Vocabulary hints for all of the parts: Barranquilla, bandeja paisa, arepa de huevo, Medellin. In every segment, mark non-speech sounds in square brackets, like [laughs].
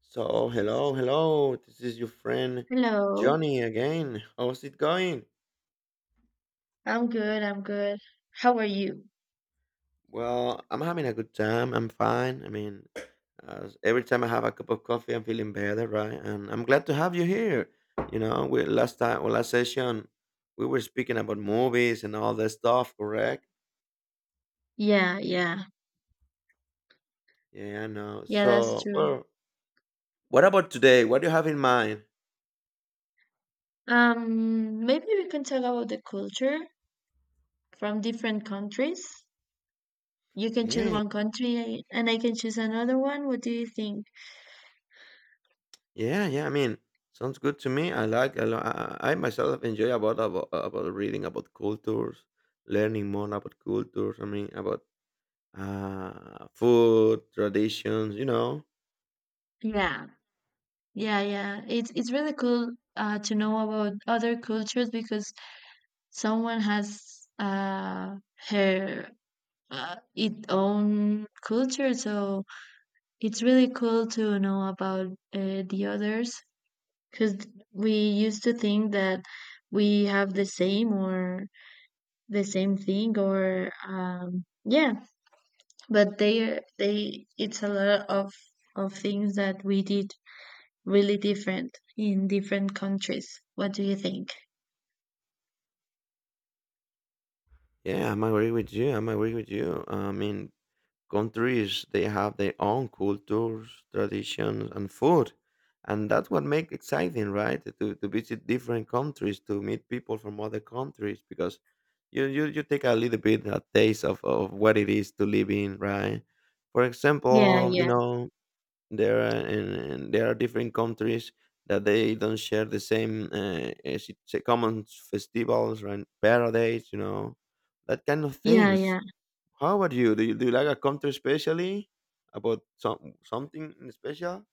So, hello, hello. This is your friend Hello. Johnny again. How's it going? I'm good. I'm good. How are you? Well, I'm having a good time. I'm fine. I mean, as every time I have a cup of coffee, I'm feeling better, right? And I'm glad to have you here. You know, we last time, well, last session, we were speaking about movies and all that stuff, correct? Yeah, yeah. Yeah, I know. Yeah, that's So, true. well, what about today? What do you have in mind? Maybe we can talk about the culture from different countries. You can choose Yeah. one country and I can choose another one. What do you think? Yeah, yeah. I mean, sounds good to me. I like I, li- I myself enjoy about reading about cultures, learning more about cultures. I mean, about food traditions. You know. Yeah. Yeah, yeah. It's really cool to know about other cultures because someone has uh her its own culture, so it's really cool to know about the others. Because we used to think that we have the same or the same thing or, but they, it's a lot of things that we did really different in different countries. What do you think? Yeah, I'm agree with you. I'm agree with you. I mean, countries they have their own cultures traditions and food, and that's what makes exciting, right, to visit different countries to meet people from other countries, because you take a little bit a taste of what it is to live in, right, for Yeah, example. Yeah, There are different countries that they don't share the same common festivals, right, parades, that kind of yeah, things. yeah. How about you? Do you like a country specially about something in special?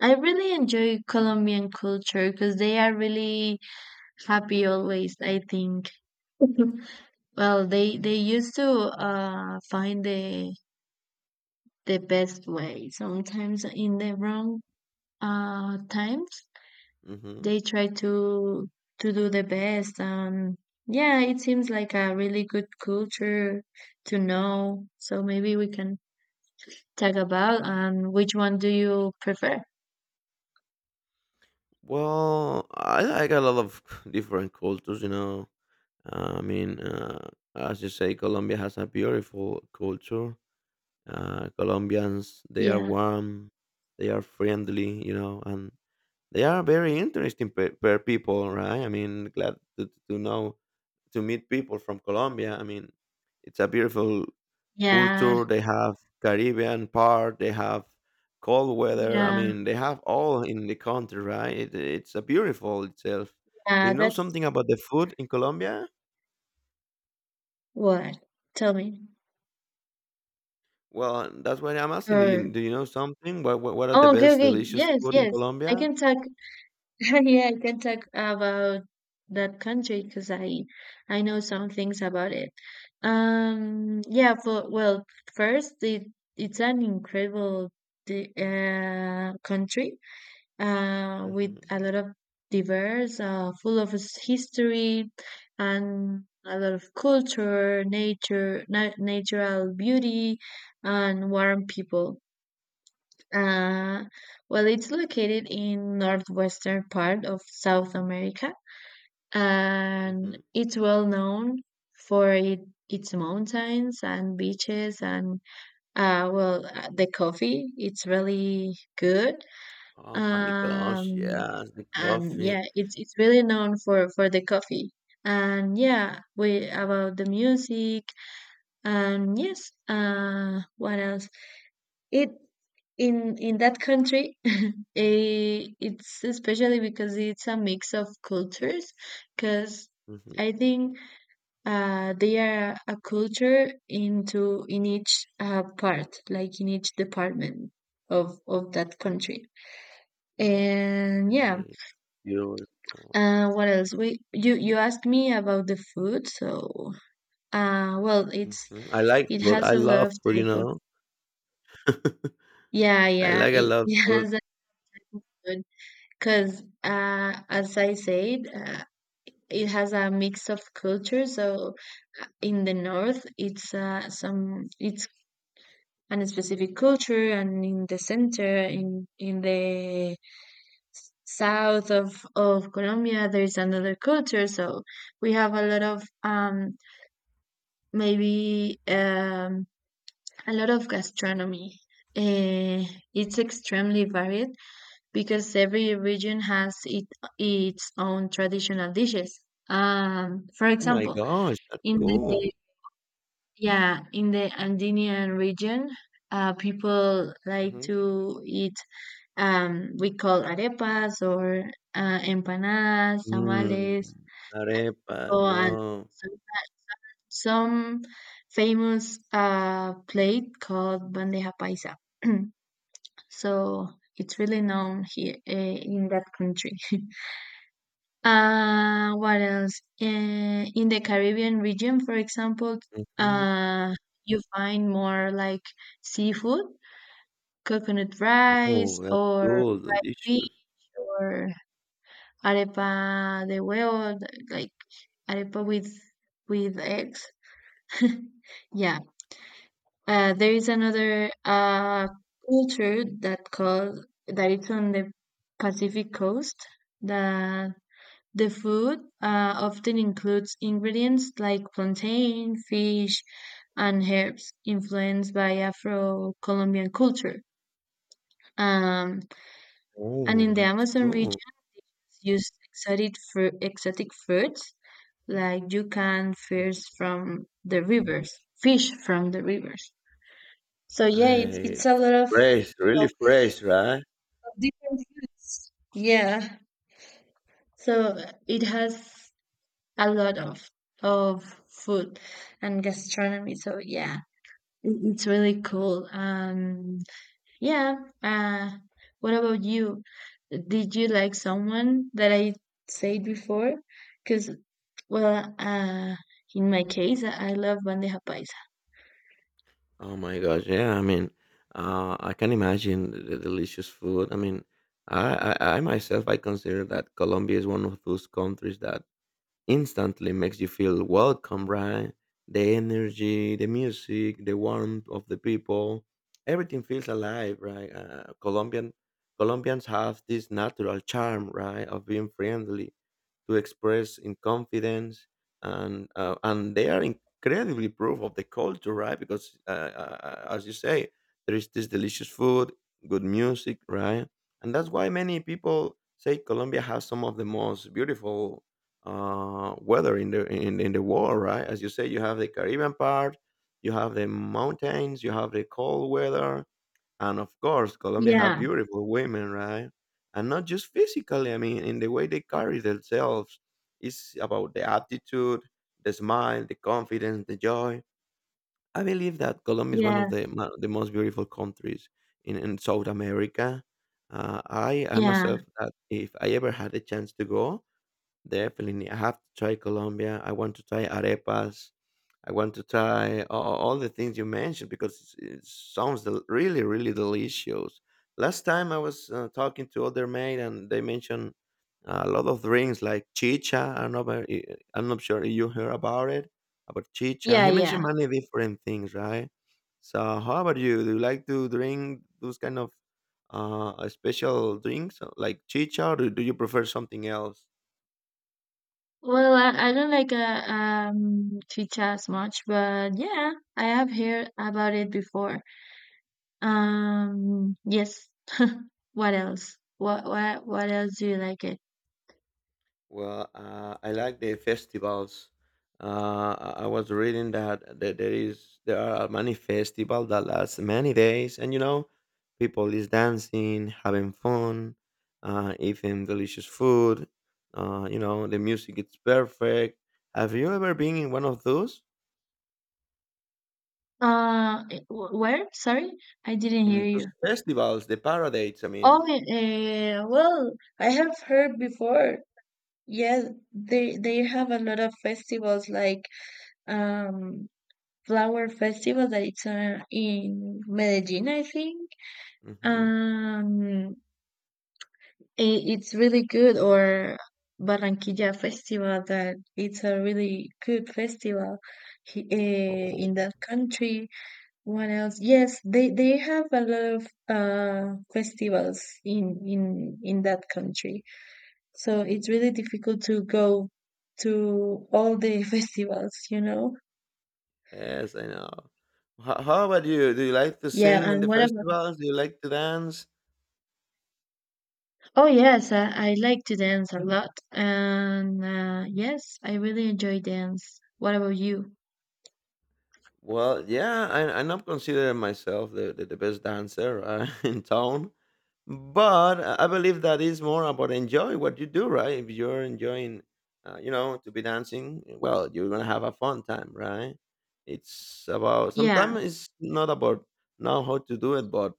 I really enjoy Colombian culture because they are really happy always, I think. [laughs] Well, they used to find the best way. Sometimes in the wrong times Mm-hmm. they try to do the best and yeah, it seems like a really good culture to know. So maybe we can talk about, and which one do you prefer? Well, I like a lot of [laughs] different cultures. I mean, as you say, Colombia has a beautiful culture. Colombians, they are Yeah. warm, they are friendly. And they are very interesting per, per people, right? I mean, glad to meet people from Colombia. I mean, it's a beautiful Yeah. culture. They have Caribbean part. They have cold weather. I Yeah. mean, they have all in the country, right? It's a beautiful itself. Do Yeah, you know something that's about the food in Colombia? what. Tell me. Well, that's what I'm asking. Do Or you do you know something? What are the oh, okay, best okay. delicious Yes, food in yes. I Colombia? can talk. [laughs] Yeah, I can talk about that country because I know some things about it. Yeah, for well, first it it's an incredible country with Hmm, a lot of diverse, full of history and a lot of culture, nature, na natural beauty, and warm people. Uh, well, it's located in northwestern part of South America, hmm. and it's well known for it, its mountains and beaches and the coffee. It's really good. Oh my gosh! Um, Yes, the and coffee. yeah, it's really known for the coffee. And yeah, we about the music. And yes, what else? It in that country, [laughs] it's especially because it's a mix of cultures. Because Mm-hmm. I think they are a culture into in each part, like in each department of that country. And yeah, eh, Beautiful. What else? We you asked me about the food, so well, it's I like it food. has I a lot love of food. You type know. of yeah I yeah like a it, lot [laughs] of it food. has a because as I said, it has a mix of culture. So in the north, it's an specific culture, and in the center, in the south of Colombia, there is another culture. So we have a lot of um, maybe, a lot of gastronomy. Uh, it's extremely varied because every region has it, its own traditional dishes. For Oh my example, gosh, that's in cool. the yeah in the Andean region, people like Mm. to eat we call arepas or empanadas, Mhm. tamales, Mm, arepas, or and wow. some, some famous plate called bandeja paisa. [clears throat] So it's really known here in that country. [laughs] What else? In the Caribbean region, for example, Mhm. uh, you find more like seafood, coconut Oh, rice, that's or cool, fish, delicious. or arepa de huevo, like arepa with eggs. [laughs] Yeah. There is another culture that called that it's on the Pacific coast that. The food often includes ingredients like plantain, fish, and herbs influenced by Afro Colombian culture. Um, and Oh, in the that's Amazon cool. regions, use exotic, fru exotic fruits like you can fish Mhm. from the rivers, fish from the rivers. So yeah, I it's a lot Fresh, really of fresh, right? of different foods. Yeah, so it has a lot of food and gastronomy. So yeah, It- it's really cool. Yeah. Uh, what about you? Did you like someone that I said before? Because, well, uh, in my case, I love bandeja paisa. Oh my gosh, yeah. I mean, I can imagine the delicious food. I mean, I myself, I consider that Colombia is one of those countries that instantly makes you feel welcome, right? The energy, the music, the warmth of the people, everything feels alive, right? Colombians have this natural charm, right, of being friendly, to express in confidence, and they are incredibly proof of the culture, right? Because as you say, there is this delicious food, good music, right? And that's why many people say Colombia has some of the most beautiful weather in the in the world, right? As you say, you have the Caribbean part, you have the mountains, you have the cold weather, and of course, Colombia have Yeah, beautiful women, right? And not just physically. I mean, in the way they carry themselves, it's about the attitude, the smile, the confidence, the joy. I believe that Colombia is one yeah, of the the most beautiful countries in South America. I yeah, myself that if I ever had a chance to go, definitely, I have to try Colombia. I want to try arepas. I want to try all the things you mentioned because it sounds really, really delicious. Last time I was talking to other mate and they mentioned a lot of drinks like chicha. I don't know, I'm not sure you heard about it, about chicha. yeah, He mentioned yeah. many different things, right? So, how about you? Do you like to drink those kind of special drinks like chicha, or do you prefer something else? Well, I don't like chicha as much, but yeah, I have heard about it before. Yes. What else? What else do you like it? Well, I like the festivals. I was reading that there are many festivals that last many days, and people is dancing, having fun, eating delicious food. The music is perfect. Have you ever been in one of those, Where? Sorry, I didn't hear in those you. festivals, the parades? I Oh, mean, well, I have heard before. Yes, they have a lot of festivals like um flower festival that it's in Medellin, I think. hmm Um, it's really good, or Barranquilla festival that it's a really good festival oh in that country. What else? Yes, they have a lot of festivals in that country. So it's really difficult to go to all the [laughs] festivals, you know? yes, I know. How about you? Do you like to Yeah, sing in and the what about? festivals? Do you like to dance? Oh yes, I like to dance a lot, and yes, I really enjoy dance. What about you? Well, yeah, I'm not considering myself the best dancer [laughs] in town, but I believe that is more about enjoy what you do, right? If you're enjoying, to be dancing, well, you're gonna have a fun time, right? It's about Yeah, sometimes it's not about know how to do it, but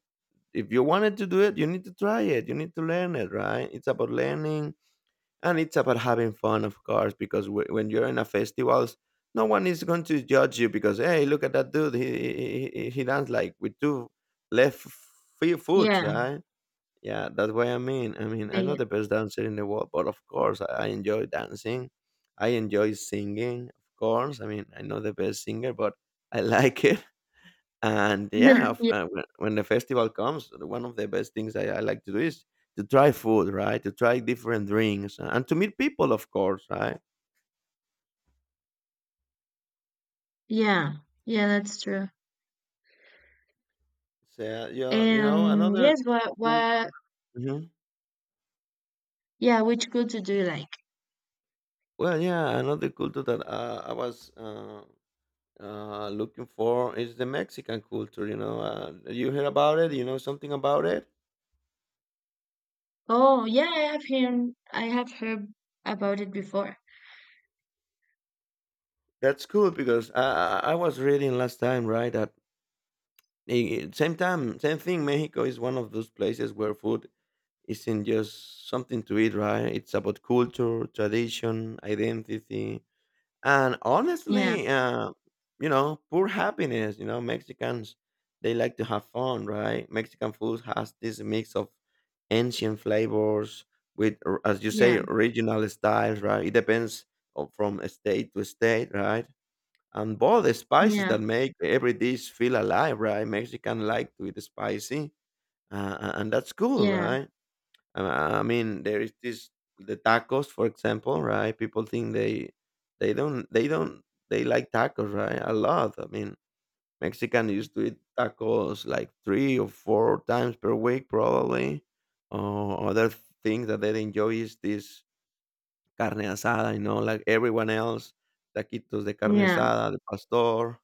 if you wanted to do it, you need to try it. You need to learn it, right? It's about learning, and it's about having fun, of course, because when you're in a festivals, no one is going to judge you, because hey, look at that dude, he danced like with two left few foot, yeah, right? Yeah, that's what I mean. I'm not yeah, the best dancer in the world, but of course, I enjoy dancing. I enjoy singing, of course. I mean, I'm not the best singer, but I [laughs] like it. And yeah, yeah, when the festival comes, one of the best things I like to do is to try food, right? To try different drinks and to meet people, of course, right? [laughs] yeah, yeah, that's true. So, yeah, yeah, And another yes, what cool. what? Mhm. Yeah, which culture do you like? Well, yeah, another culture that I was looking for is the Mexican culture. You hear about it, you know something about it. Oh, yeah, I have heard about it before. That's cool because I was reading last time, right? That i- same time, same thing. Mexico is one of those places where food isn't just something to eat, right? It's about culture, tradition, identity, and Yeah, honestly, poor happiness. Mexicans they like to have fun, right? Mexican food has this mix of ancient flavors with, as you yeah, say, regional styles, right? It depends from state to state, right? And both the spices yeah, that make every dish feel alive, right? Mexican like to eat spicy, and that's cool, yeah, right? I mean, there is this the tacos, for example, right? People think they don't, they like tacos, right? A lot. I mean, Mexican used to eat tacos like three or four times per week, probably. Other thing that they enjoy is this carne asada. Like everyone else, taquitos de carne yeah. asada, de pastor.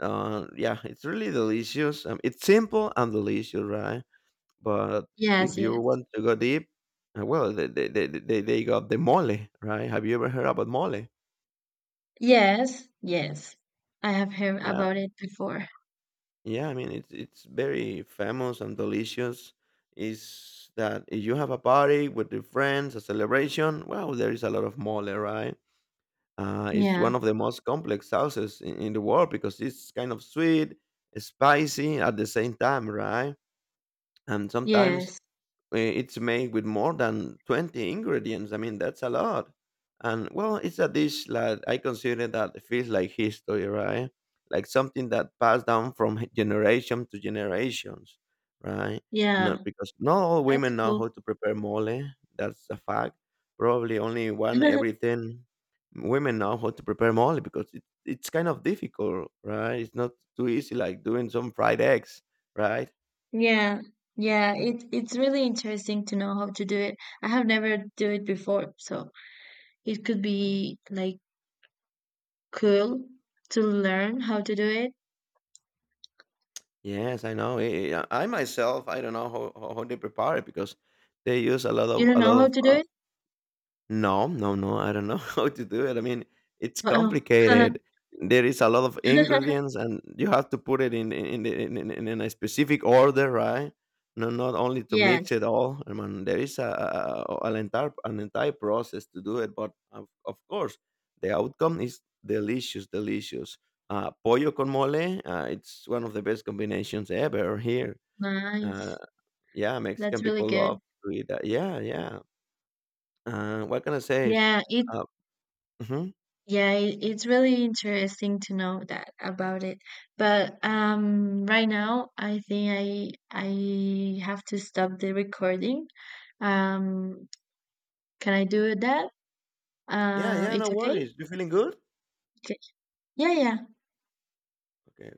Yeah, it's really delicious. It's simple and delicious, right? But Yes, if you yes. want to go deep, well, they got the mole, right? Have you ever heard about mole? Yes, yes. I have heard Yeah, about it before. yeah. I mean, it's very famous and delicious. Is that if you have a party with your friends, a celebration? Well, there is a lot of mole, right? It's Yeah. one of the most complex sauces in the world, because it's kind of sweet, spicy at the same time, right? And sometimes Yes. It's made with more than 20 ingredients. I mean, that's a lot. And well, it's a dish that I consider that feels like history, right? Like something that passed down from [laughs] generation to generations, right? Yeah. No, because not all That's women know cool. how to prepare mole. That's a fact. Probably only one [laughs] every 10 women know how to prepare mole because it's kind of difficult, right? It's not too easy like doing some fried eggs, right? Yeah. Yeah, it it's really interesting to know how to do it. I have never do it before, so it could be like cool to learn how to do it. Yes, I know. I myself, I don't know how they prepare it because they use a lot You of a don't lot know how of to do it? no, no, no, I don't know [laughs] how to do it. I mean, it's Wow. complicated. There is a lot of [laughs] ingredients, and you have to put it in the- in a specific order, right? No, not only to mix Yes. it all. I mean, there is an entire process to do it, but of course, the outcome is delicious, delicious. Pollo con mole, it's one of the best combinations ever here. Uh, Nice. yeah, Mexican That's really people love good. to eat that. Yeah, yeah. What can I say? Yeah, it Uh, Mhm. yeah, it, it's really interesting to know that about it. But right now I think I have to stop the recording. Um can I do that? Yeah, yeah, no It's okay? worries. You feeling good? Okay. Yeah, yeah. Okay.